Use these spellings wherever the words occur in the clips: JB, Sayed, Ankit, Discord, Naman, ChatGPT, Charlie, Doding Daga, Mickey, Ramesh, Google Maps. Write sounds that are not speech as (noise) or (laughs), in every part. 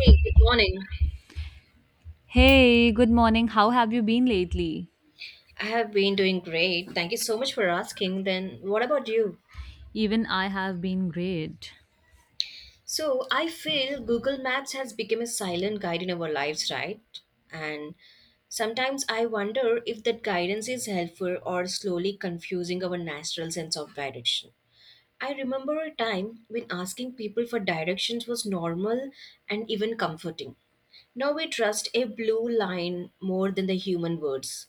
Hey, good morning. Hey, good morning. How have you been lately? I have been doing great. Thank you so much for asking. Then, what about you? Even I have been great. So, I feel Google Maps has become a silent guide in our lives, right? And sometimes I wonder if that guidance is helpful or slowly confusing our natural sense of direction. I remember a time when asking people for directions was normal and even comforting. Now we trust a blue line more than the human words.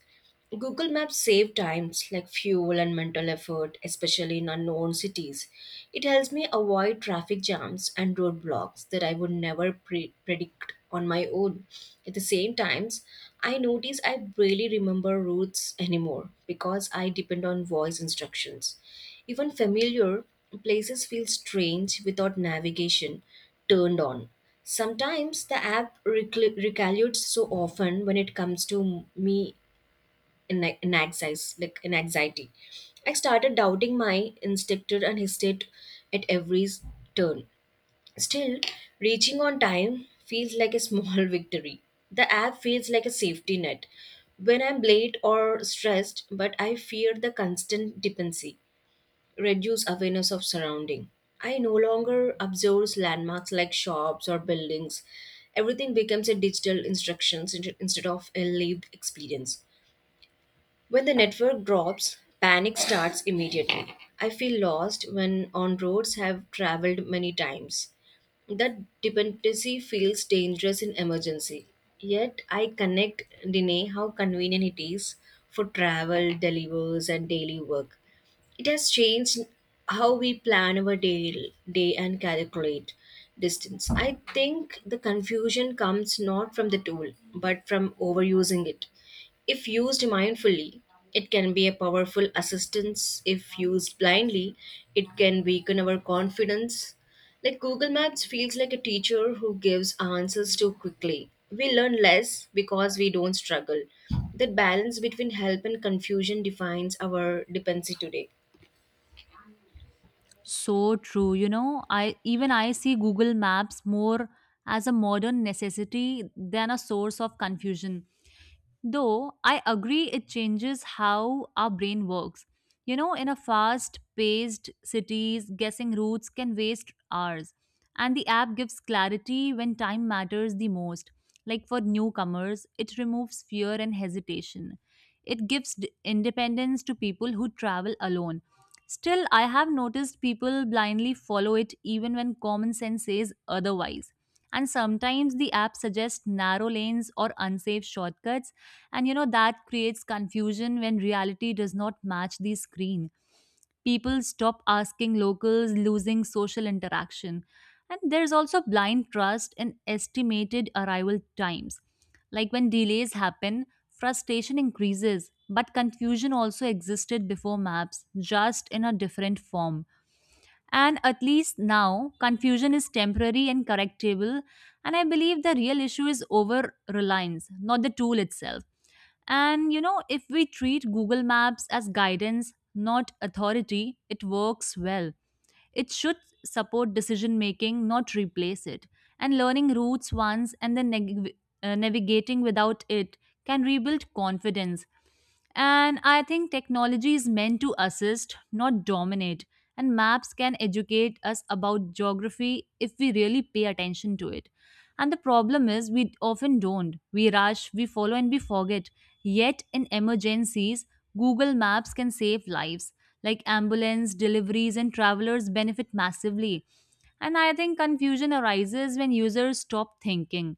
Google Maps save times like fuel and mental effort, especially in unknown cities. It helps me avoid traffic jams and roadblocks that I would never predict on my own. At the same times, I notice I barely remember routes anymore because I depend on voice instructions. Even familiar places feel strange without navigation turned on. Sometimes the app recalculates so often when it comes to me anxiety, like in anxiety. I started doubting my instinct and hesitate at every turn. Still, reaching on time feels like a small (laughs) victory. The app feels like a safety net when I'm late or stressed, but I fear the constant dependency reduce awareness of surrounding. I no longer observe landmarks like shops or buildings. Everything becomes a digital instructions instead of a lived experience. When the network drops, panic starts immediately. I feel lost when on roads have traveled many times. That dependency feels dangerous in emergency. Yet I connect Dine how convenient it is for travel, delivers, and daily work. It has changed how we plan our day and calculate distance. I think the confusion comes not from the tool, but from overusing it. If used mindfully, it can be a powerful assistance. If used blindly, it can weaken our confidence. Like Google Maps feels like a teacher who gives answers too quickly. We learn less because we don't struggle. That balance between help and confusion defines our dependency today. So true. I even I see Google Maps more as a modern necessity than a source of confusion. Though I agree it changes how our brain works. In a fast paced cities, guessing routes can waste hours. And the app gives clarity when time matters the most. Like for newcomers, it removes fear and hesitation. It gives independence to people who travel alone. Still, I have noticed people blindly follow it even when common sense says otherwise. And sometimes the app suggests narrow lanes or unsafe shortcuts and that creates confusion when reality does not match the screen. People stop asking locals, losing social interaction. And there's also blind trust in estimated arrival times. Like when delays happen, frustration increases, but confusion also existed before maps, just in a different form. And at least now, confusion is temporary and correctable. And I believe the real issue is over reliance, not the tool itself. And if we treat Google Maps as guidance, not authority, it works well. It should support decision making, not replace it. And learning routes once and then navigating without it can rebuild confidence. And I think technology is meant to assist, not dominate. And maps can educate us about geography if we really pay attention to it. And the problem is, we often don't. We rush, we follow, and we forget. Yet in emergencies, Google Maps can save lives, like ambulance deliveries and travelers benefit massively. And I think confusion arises when users stop thinking.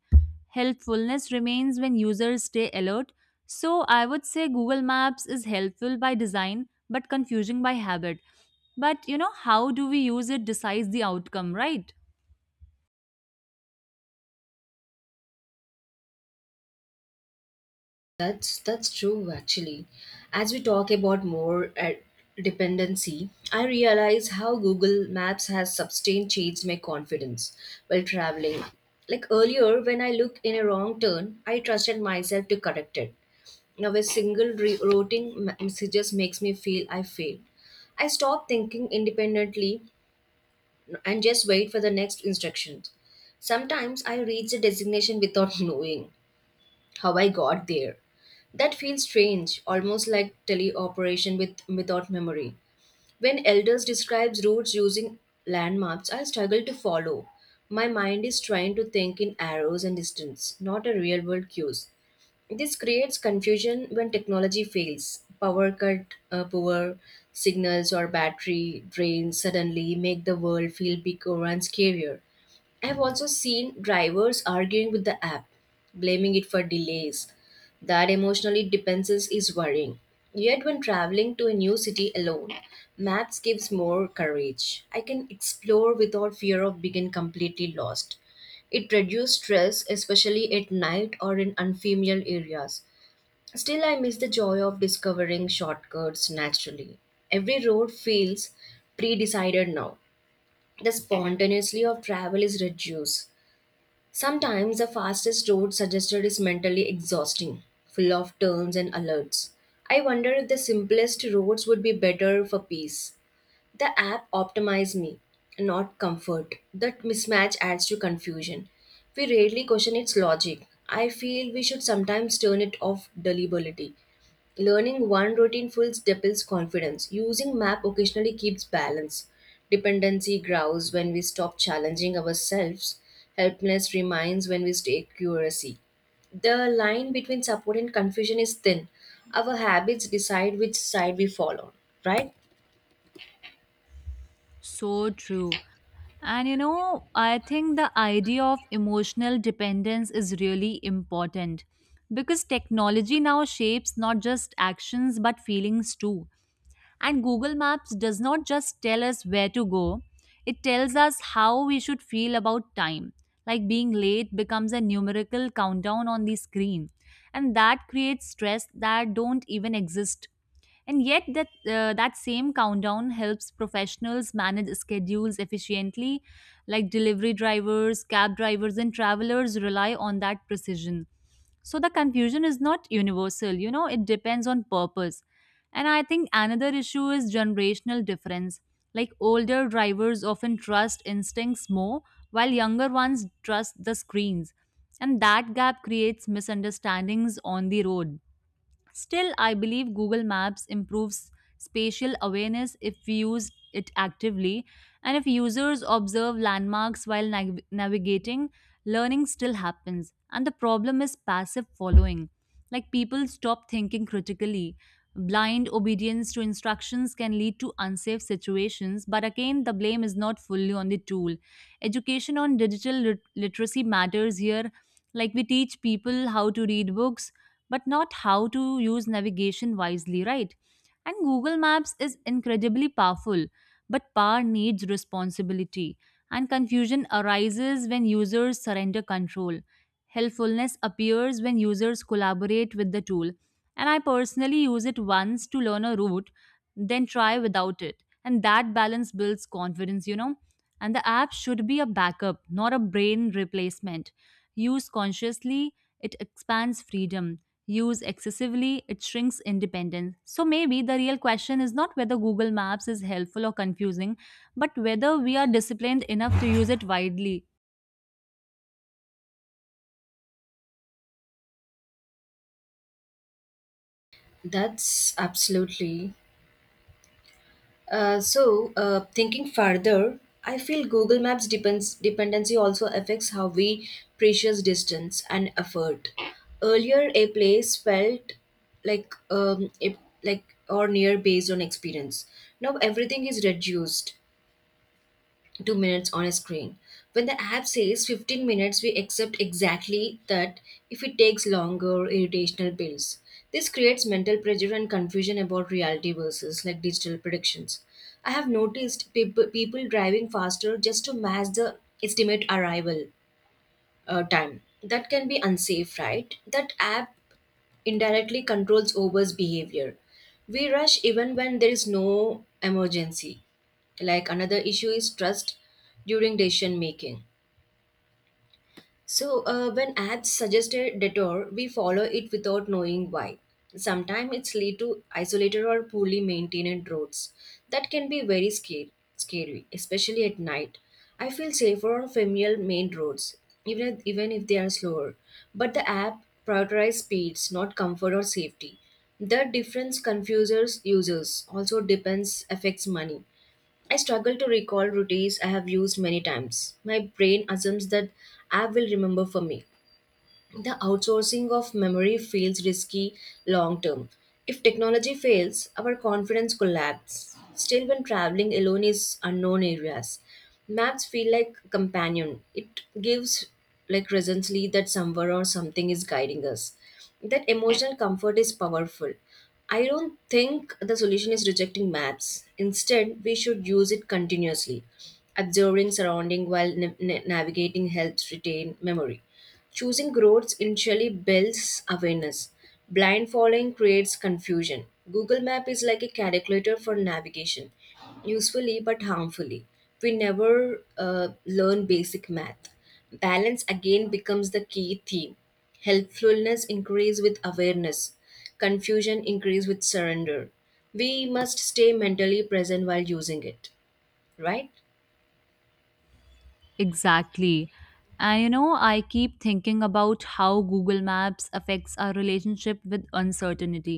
Helpfulness remains when users stay alert. So I would say Google Maps is helpful by design but confusing by habit. But how do we use it decides the outcome, right? That's true actually. As we talk about more dependency, I realize how Google Maps has sustained changed my confidence while traveling. Like earlier, when I looked in a wrong turn, I trusted myself to correct it. Now a single routing messages makes me feel I failed. I stop thinking independently and just wait for the next instructions. Sometimes I reach the destination without (laughs) knowing how I got there. That feels strange, almost like teleoperation without memory. When elders describes routes using land maps, I struggle to follow. My mind is trying to think in arrows and distance, not a real world cues. This creates confusion when technology fails. Power cut, poor signals, or battery drains suddenly make the world feel bigger and scarier. I have also seen drivers arguing with the app, blaming it for delays. That emotionally dependence is worrying. Yet, when traveling to a new city alone, maps gives more courage. I can explore without fear of being completely lost. It reduced stress, especially at night or in unfamiliar areas. Still, I miss the joy of discovering shortcuts naturally. Every road feels pre decided now. The spontaneity of travel is reduced. Sometimes the fastest road suggested is mentally exhausting, full of turns and alerts. I wonder if the simplest roads would be better for peace. The app optimized me, not comfort. That mismatch adds to confusion. We rarely question its logic. I feel we should sometimes turn it off deliberately. Learning one routine fulls deepens confidence. Using map occasionally keeps balance. Dependency grows when we stop challenging ourselves. Helpness remains when we stay curiosity. The line between support and confusion is thin. Our habits decide which side we fall on, right? So true. And I think the idea of emotional dependence is really important because technology now shapes not just actions but feelings too. And Google Maps does not just tell us where to go, it tells us how we should feel about time. Like being late becomes a numerical countdown on the screen, and that creates stress that don't even exist. And yet, that same countdown helps professionals manage schedules efficiently, like delivery drivers, cab drivers, and travelers rely on that precision. So the confusion is not universal, it depends on purpose. And I think another issue is generational difference. Like older drivers often trust instincts more, while younger ones trust the screens. And that gap creates misunderstandings on the road. Still, I believe Google Maps improves spatial awareness if we use it actively, and if users observe landmarks while navigating, learning still happens. And the problem is passive following. Like people stop thinking critically. Blind obedience to instructions can lead to unsafe situations, but again, the blame is not fully on the tool. Education on digital literacy matters here. Like we teach people how to read books, but not how to use navigation wisely, right? And Google Maps is incredibly powerful, but power needs responsibility, and confusion arises when users surrender control. Helpfulness appears when users collaborate with the tool, and I personally use it once to learn a route, then try without it. And that balance builds confidence. And the app should be a backup, not a brain replacement. Used consciously, it expands freedom used excessively, it shrinks independence. So maybe the real question is not whether Google Maps is helpful or confusing, but whether we are disciplined enough to use it widely. That's absolutely. So, thinking further, I feel Google Maps depends dependency also affects how we precious distance and effort. Earlier, a place felt like if like or near based on experience. Now everything is reduced 2 minutes on a screen. When the app says 15 minutes, we accept exactly that if it takes longer, irritational builds. This creates mental pressure and confusion about reality versus like digital predictions. I have noticed people driving faster just to match the estimate arrival time. That can be unsafe, right? That app indirectly controls Uber's behavior. We rush even when there is no emergency. Like another issue is trust during decision making. So, when ads suggest a detour, we follow it without knowing why. Sometimes it's lead to isolated or poorly maintained roads. That can be very scary, especially at night. I feel safer on familiar main roads, even if they are slower. But the app prioritizes speeds, not comfort or safety. The difference confuses users. Also depends affects money. I struggle to recall routines I have used many times. My brain assumes that I will remember for me. The outsourcing of memory feels risky long term. If technology fails, our confidence collapses. Still, when traveling alone is unknown areas, maps feel like companion. It gives like recently that somewhere or something is guiding us. That emotional comfort is powerful. I don't think the solution is rejecting maps. Instead, we should use it continuously. Observing surrounding while navigating helps retain memory. Choosing roads initially builds awareness. Blind following creates confusion. Google Map is like a calculator for navigation, usefully but harmfully. We never learn basic math. Balance again becomes the key theme. Helpfulness increase with awareness. Confusion increase with surrender. We must stay mentally present while using it, right? Exactly. And I keep thinking about how Google Maps affects our relationship with uncertainty.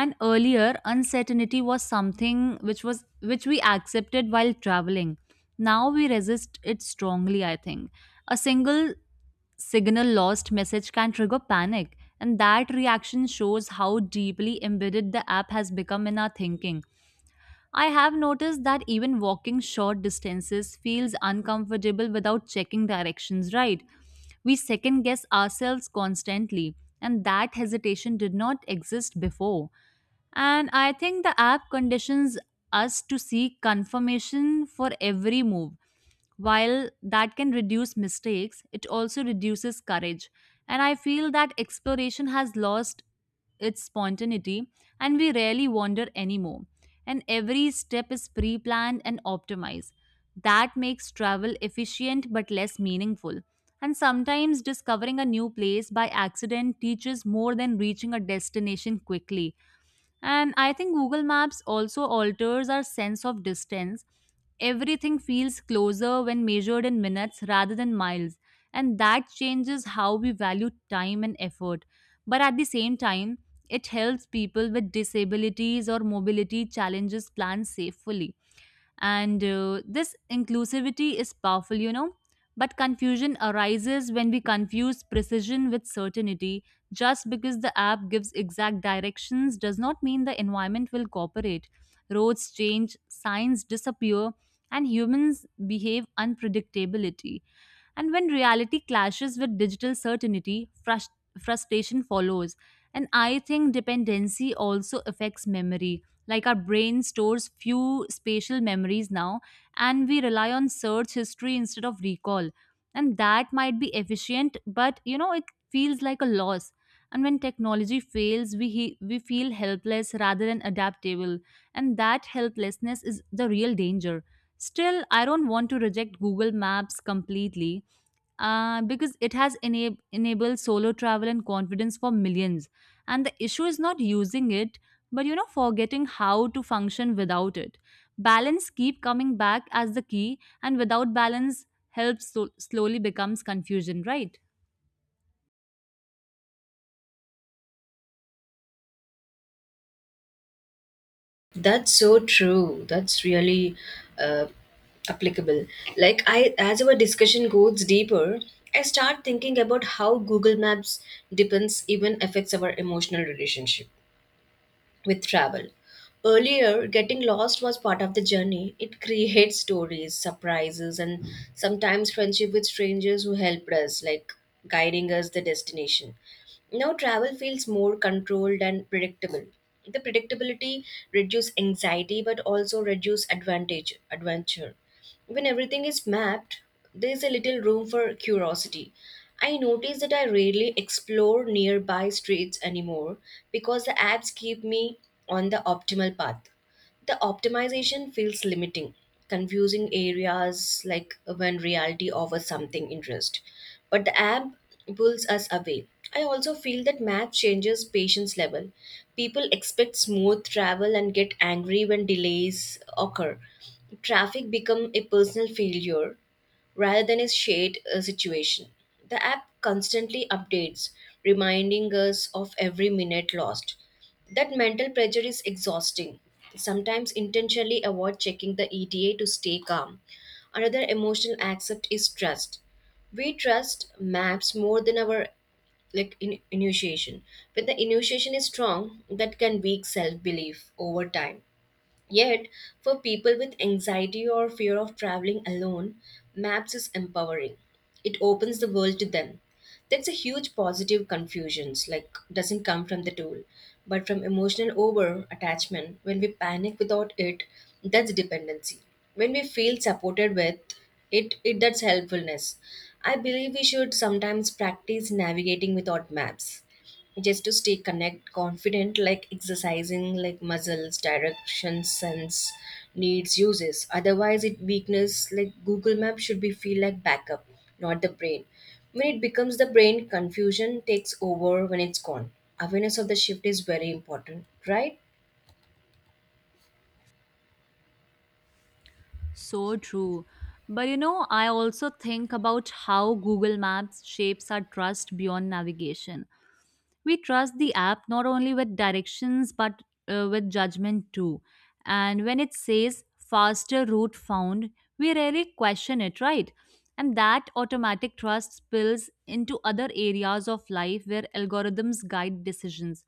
And earlier uncertainty was something which we accepted while traveling now we resist it strongly. I think a single signal lost message can trigger panic, and that reaction shows how deeply embedded the app has become in our thinking. I have noticed that even walking short distances feels uncomfortable without checking directions right. We second guess ourselves constantly, and that hesitation did not exist before. And I think the app conditions us to seek confirmation for every move. While that can reduce mistakes, it also reduces courage. And I feel that exploration has lost its spontaneity and we rarely wander anymore. And every step is pre planned and optimized. That makes travel efficient but less meaningful. And sometimes discovering a new place by accident teaches more than reaching a destination quickly. And I think Google Maps also alters our sense of distance. Everything feels closer when measured in minutes rather than miles, and that changes how we value time and effort. But at the same time, it helps people with disabilities or mobility challenges plan safely and this inclusivity is powerful, but confusion arises when we confuse precision with certainty. Just because the app gives exact directions does not mean the environment will cooperate. Roads change, signs disappear, and humans behave unpredictability, and when reality clashes with digital certainty, frustration follows. And I think dependency also affects memory. Like our brain stores few spatial memories now, and we rely on search history instead of recall. And that might be efficient, but it feels like a loss. And when technology fails, we feel helpless rather than adaptable. And that helplessness is the real danger. Still, I don't want to reject Google Maps completely because it has enabled solo travel and confidence for millions. And the issue is not using it, but forgetting how to function without it. Balance keep coming back as the key, and without balance, slowly becomes confusion, right? That's so true. That's really uh, applicable. Like I, as our discussion goes deeper, I start thinking about how Google Maps depends even affects our emotional relationship with travel. Earlier, getting lost was part of the journey. It creates stories, surprises, and sometimes friendship with strangers who helped us, like guiding us the destination. Now, travel feels more controlled and predictable. The predictability reduces anxiety but also reduces advantage adventure. When everything is mapped, there is a little room for curiosity. I notice that I rarely explore nearby streets anymore because the apps keep me on the optimal path. The optimization feels limiting, confusing areas like when reality offers something interest. But the app pulls us away. I also feel that math changes patience level. People expect smooth travel and get angry when delays occur. Traffic become a personal failure rather than a shared situation. The app constantly updates, reminding us of every minute lost. That mental pressure is exhausting. Sometimes intentionally avoid checking the ETA to stay calm. Another emotional accept is trust we trust maps more than our like initiation when the initiation is strong that can weak self-belief over time. Yet, for people with anxiety or fear of traveling alone, maps is empowering. It opens the world to them. That's a huge positive confusions like doesn't come from the tool, but from emotional over attachment. When we panic without it, that's dependency. When we feel supported with it, that's helpfulness. I believe we should sometimes practice navigating without maps just to stay connect confident like exercising like muscles direction sense needs uses otherwise it weakness like google map should be feel like backup not the brain when it becomes the brain confusion takes over when it's gone awareness of the shift is very important, right? So true. But I also think about how Google Maps shapes our trust beyond navigation. We trust the app not only with directions but with judgment too. And when it says faster route found, we rarely question it, right? And that automatic trust spills into other areas of life where algorithms guide decisions.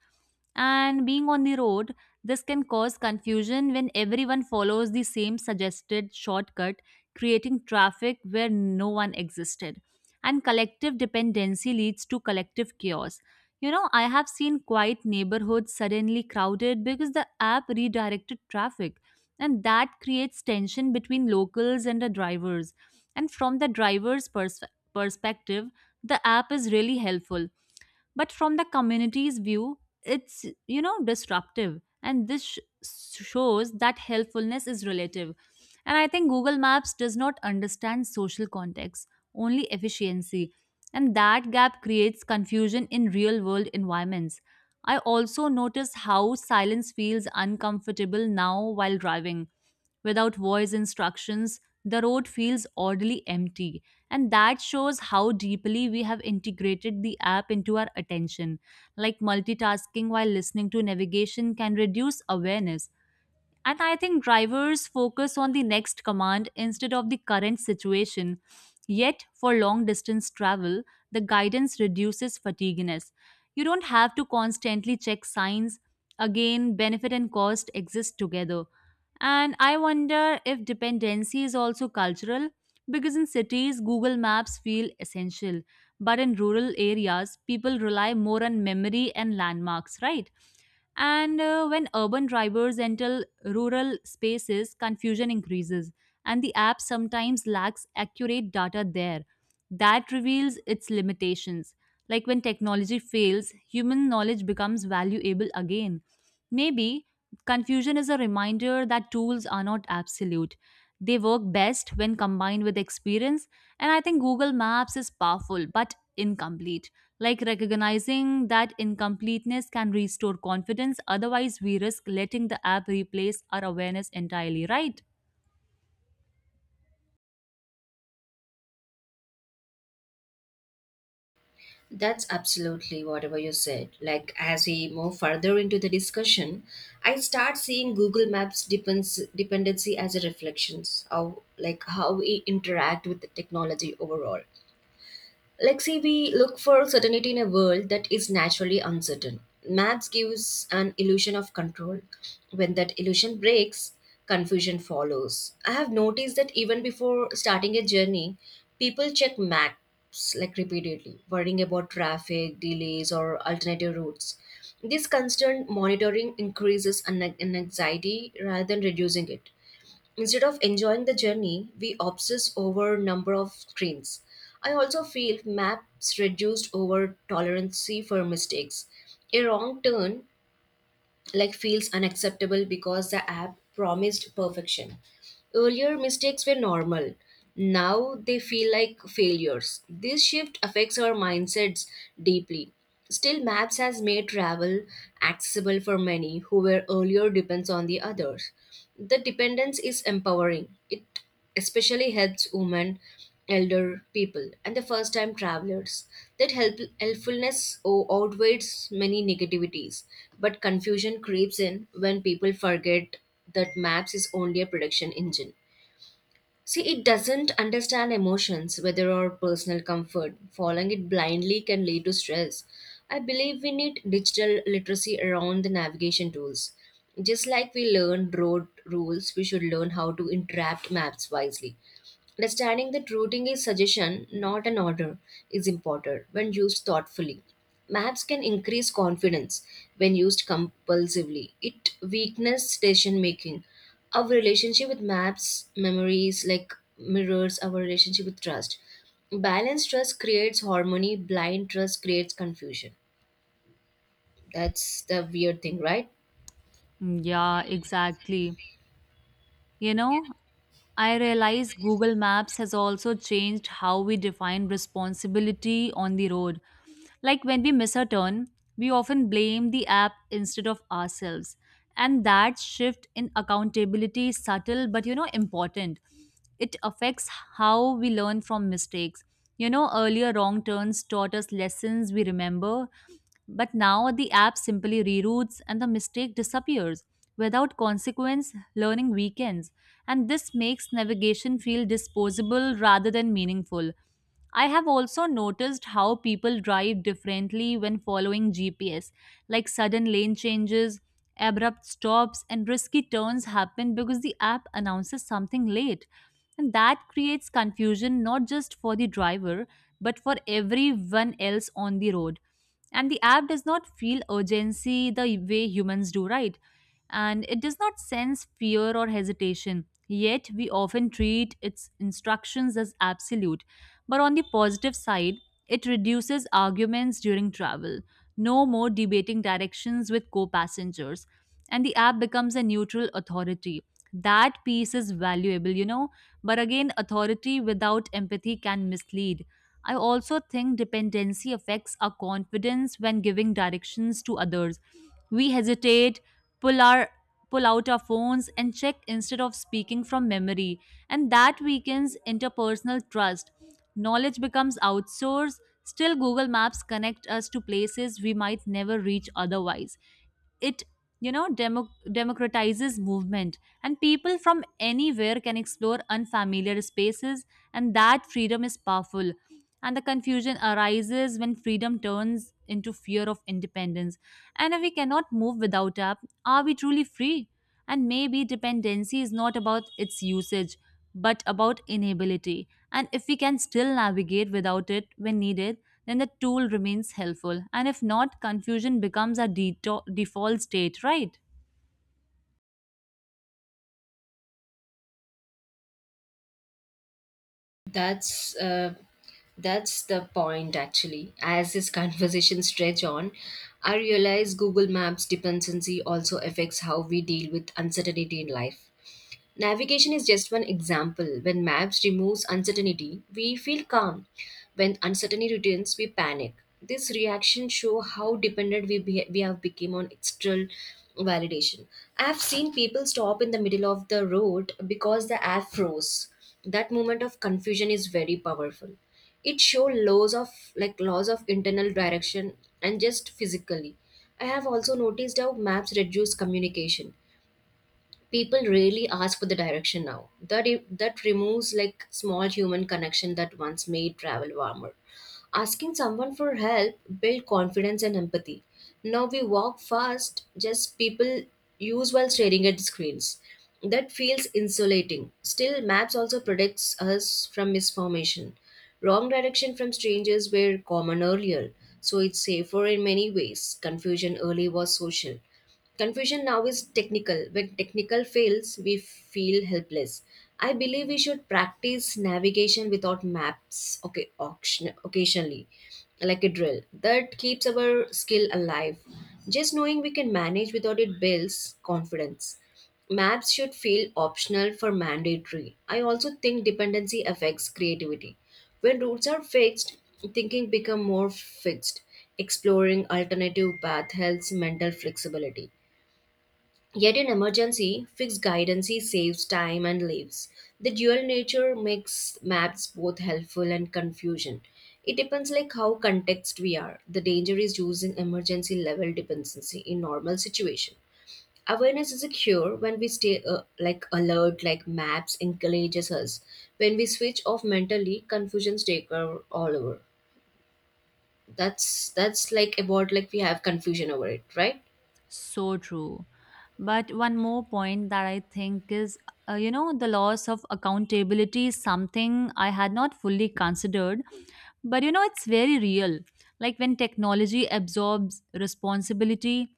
And being on the road, this can cause confusion when everyone follows the same suggested shortcut, creating traffic where no one existed. And collective dependency leads to collective chaos. I have seen quiet neighborhoods suddenly crowded because the app redirected traffic, and that creates tension between locals and the drivers. And from the driver's perspective, the app is really helpful, but from the community's view, it's disruptive, and this shows that helpfulness is relative. And I think Google Maps does not understand social context, only efficiency. And that gap creates confusion in real world environments. I also notice how silence feels uncomfortable now while driving. Without voice instructions, the road feels oddly empty, and that shows how deeply we have integrated the app into our attention. Like multitasking while listening to navigation can reduce awareness, and I think drivers focus on the next command instead of the current situation. Yet, for long distance travel, the guidance reduces fatigueness. You don't have to constantly check signs. Again, benefit and cost exist together. And I wonder if dependency is also cultural because in cities, Google Maps feel essential. But in rural areas, people rely more on memory and landmarks, right? And when urban drivers enter rural spaces, confusion increases, and the app sometimes lacks accurate data there. That reveals its limitations. Like when technology fails, human knowledge becomes valuable again. Maybe confusion is a reminder that tools are not absolute. They work best when combined with experience, and I think Google Maps is powerful but incomplete. Like recognizing that incompleteness can restore confidence, otherwise, we risk letting the app replace our awareness entirely, right? That's absolutely whatever you said. Like as we move further into the discussion, I start seeing Google Maps depends dependency as a reflections of like how we interact with the technology overall. Like, see, we look for certainty in a world that is naturally uncertain. Maps gives an illusion of control. When that illusion breaks, confusion follows. I have noticed that even before starting a journey, people check maps like repeatedly, worrying about traffic, delays, or alternative routes. This constant monitoring increases an anxiety rather than reducing it. Instead of enjoying the journey, we obsess over number of screens. I also feel maps reduced over tolerance for mistakes. A wrong turn like feels unacceptable because the app promised perfection. Earlier mistakes were normal. Now they feel like failures. This shift affects our mindsets deeply. Still, maps has made travel accessible for many who were earlier depends on the others. The dependence is empowering. It especially helps women, elder people, and the first time travelers. That helpfulness outweighs many negativities, but confusion creeps in when people forget that maps is only a prediction engine. See, it doesn't understand emotions, whether or personal comfort. Following it blindly can lead to stress. I believe we need digital literacy around the navigation tools. Just like we learned road rules, we should learn how to interpret maps wisely. Understanding that routing is suggestion, not an order, is important when used thoughtfully. Maps can increase confidence when used compulsively. It weakens decision making our relationship with maps, memories, like mirrors our relationship with trust. Balanced trust creates harmony, blind trust creates confusion. That's the weird thing, right? Mm, yeah, exactly. You know, I realize Google Maps has also changed how we define responsibility on the road. Like when we miss a turn, we often blame the app instead of ourselves. And that shift in accountability is subtle but important. It affects how we learn from mistakes. Earlier wrong turns taught us lessons we remember, but now the app simply reroutes and the mistake disappears. Without consequence, learning weakens, and this makes navigation feel disposable rather than meaningful. I have also noticed how people drive differently when following GPS, like sudden lane changes, abrupt stops, and risky turns happen because the app announces something late. And that creates confusion not just for the driver, but for everyone else on the road. And the app does not feel urgency the way humans do, right? And it does not sense fear or hesitation. Yet, we often treat its instructions as absolute but on the positive side, it reduces arguments during travel. No more debating directions with co passengers. And the app becomes a neutral authority. That piece is valuable, But again, authority without empathy can mislead. I also think dependency affects our confidence when giving directions to others. We hesitate, pull our pull out our phones and check instead of speaking from memory, and that weakens interpersonal trust. Knowledge becomes outsourced. Still, Google Maps connect us to places we might never reach otherwise. It democratizes movement, and people from anywhere can explore unfamiliar spaces, and that freedom is powerful. And the confusion arises when freedom turns into fear of independence, and if we cannot move without app, are we truly free? And maybe dependency is not about its usage but about inability. And if we can still navigate without it when needed, then the tool remains helpful. And if not, confusion becomes our default state, right? That's uh, that's the point actually. As this (laughs) conversation stretch on, I realize Google Maps dependency also affects how we deal with uncertainty in life. Navigation is just one example. When maps removes uncertainty, we feel calm. When uncertainty returns, we panic. This reaction show how dependent we have become on external validation. I've seen people stop in the middle of the road because the app froze. That moment of confusion is very powerful. It show laws of like laws of internal direction and just physically. I have also noticed how maps reduce communication, people really ask for the direction now, that removes like small human connection that once made travel warmer. Asking someone for help build confidence and empathy. Now we walk fast, just people use while staring at screens. That feels insulating. Still, maps also protects us from misformation. Wrong direction from strangers were common earlier, so it's safer in many ways. Confusion early was social. Confusion now is technical. When technical fails, we feel helpless. I believe we should practice navigation without maps, okay, auction, occasionally, like a drill. That keeps our skill alive. Just knowing we can manage without it builds confidence. Maps should feel optional for mandatory. I also think dependency affects creativity. When routes are fixed, thinking become more fixed. Exploring alternative path helps mental flexibility. Yet in emergency, fixed guidance saves time and lives. The dual nature makes maps both helpful and confusion. It depends like how context we are. The danger is using emergency level dependency in normal situation. Awareness is a cure when we stay like alert, like maps encourages us. When we switch off mentally, confusion take over all over. That's like about like we have confusion over it, right? So true. But one more point that I think is, the loss of accountability is something I had not fully considered. But, it's very real. Like when technology absorbs responsibility,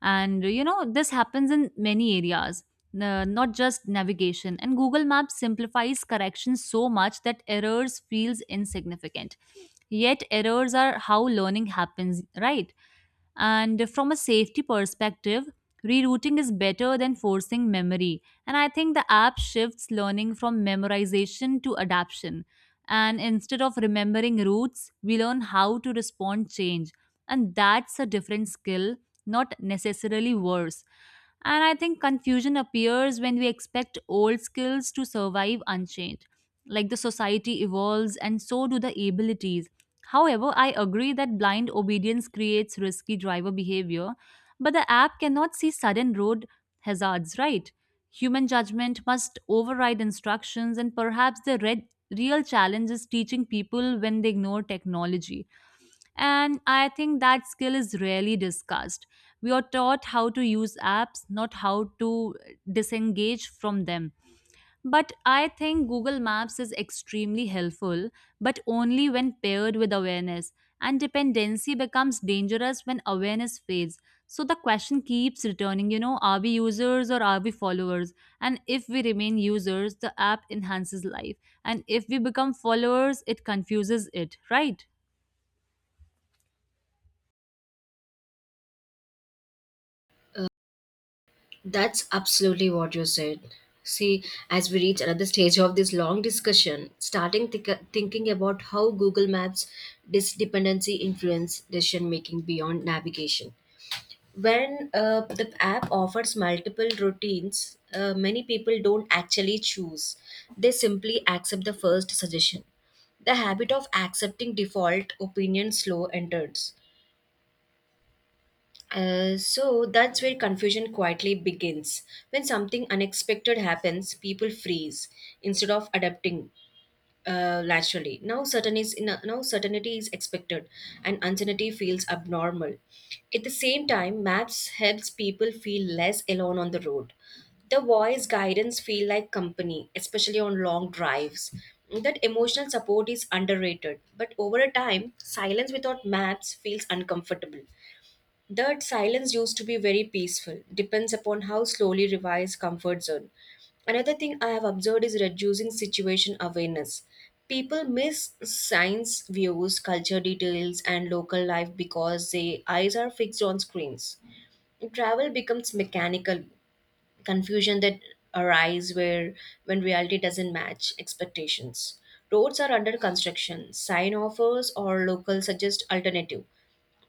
and this happens in many areas, not just navigation. And Google Maps simplifies corrections so much that errors feels insignificant, yet errors are how learning happens, right? And from a safety perspective, rerouting is better than forcing memory. And I think the app shifts learning from memorization to adaption. And instead of remembering routes, we learn how to respond change. And that's a different skill, not necessarily worse. And I think confusion appears when we expect old skills to survive unchanged. Like the society evolves, and so do the abilities. However, I agree that blind obedience creates risky driver behavior, but the app cannot see sudden road hazards, right? Human judgment must override instructions, and perhaps real challenge is teaching people when they ignore technology. And I think that skill is rarely discussed. We are taught how to use apps, not how to disengage from them. But I think Google Maps is extremely helpful, but only when paired with awareness. And dependency becomes dangerous when awareness fades. So the question keeps returning, are we users or are we followers? And if we remain users, the app enhances life. And if we become followers, it confuses it, right? Uh, that's absolutely what you said. See, as we reach another stage of this long discussion, starting thinking about how Google Maps' this dependency influence decision making beyond navigation. When the app offers multiple routines, many people don't actually choose, they simply accept the first suggestion. The habit of accepting default opinion slow enters. So that's where confusion quietly begins. When something unexpected happens, people freeze instead of adapting, laterally. Now, certain is no- now certainty is expected, and uncertainty feels abnormal. At the same time, maps helps people feel less alone on the road. The voice guidance feel like company, especially on long drives. That emotional support is underrated, but over a time, silence without maps feels uncomfortable. That silence used to be very peaceful, depends upon how slowly revise comfort zone. Another thing I have observed is reducing situation awareness. People miss science views, culture details, and local life because their eyes are fixed on screens. Travel becomes mechanical. Confusion that arise where when reality doesn't match expectations. Roads are under construction, sign offers or local suggest alternative,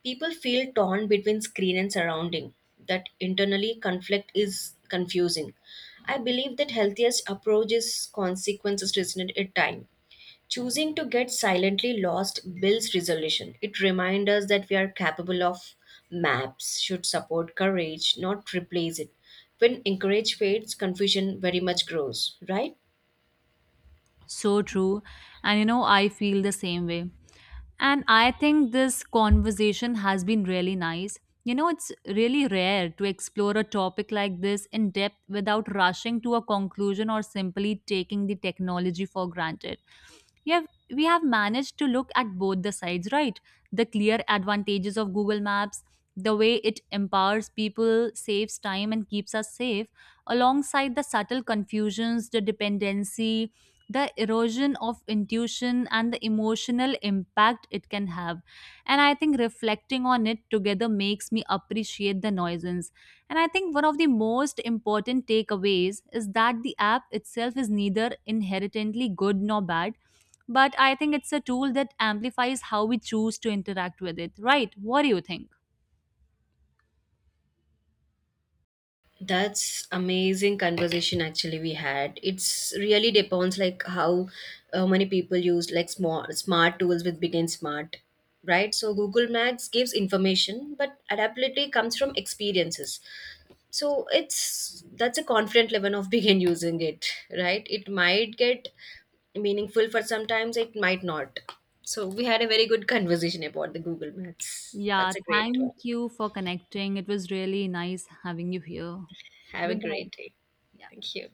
people feel torn between screen and surrounding. That internally conflict is confusing. I believe that healthiest approach is consequences resistant at time. Choosing to get silently lost builds resolution. It reminds us that we are capable of maps, should support courage, not replace it. When encourage fades, confusion very much grows, right? So true. And I feel the same way. And I think this conversation has been really nice. It's really rare to explore a topic like this in depth without rushing to a conclusion or simply taking the technology for granted. we have we have managed to look at both the sides, right? The clear advantages of Google Maps, the way it empowers people, saves time, and keeps us safe, alongside the subtle confusions, the dependency, the erosion of intuition, and the emotional impact it can have. And I think reflecting on it together makes me appreciate the nuisance. And I think one of the most important takeaways is that the app itself is neither inherently good nor bad, but I think it's a tool that amplifies how we choose to interact with it, right? What do you think? That's amazing conversation actually we had. It's really depends like how many people use like smart tools with begin smart, right? So Google Maps gives information, but adaptability comes from experiences. So it's that's a confident level of begin using it, right? It might get meaningful for sometimes, it might not. So we had a very good conversation about the Google Maps, Yeah, that's a great one. thank you for connecting. It was really nice having you here. Have a Goodbye. great day. Thank you.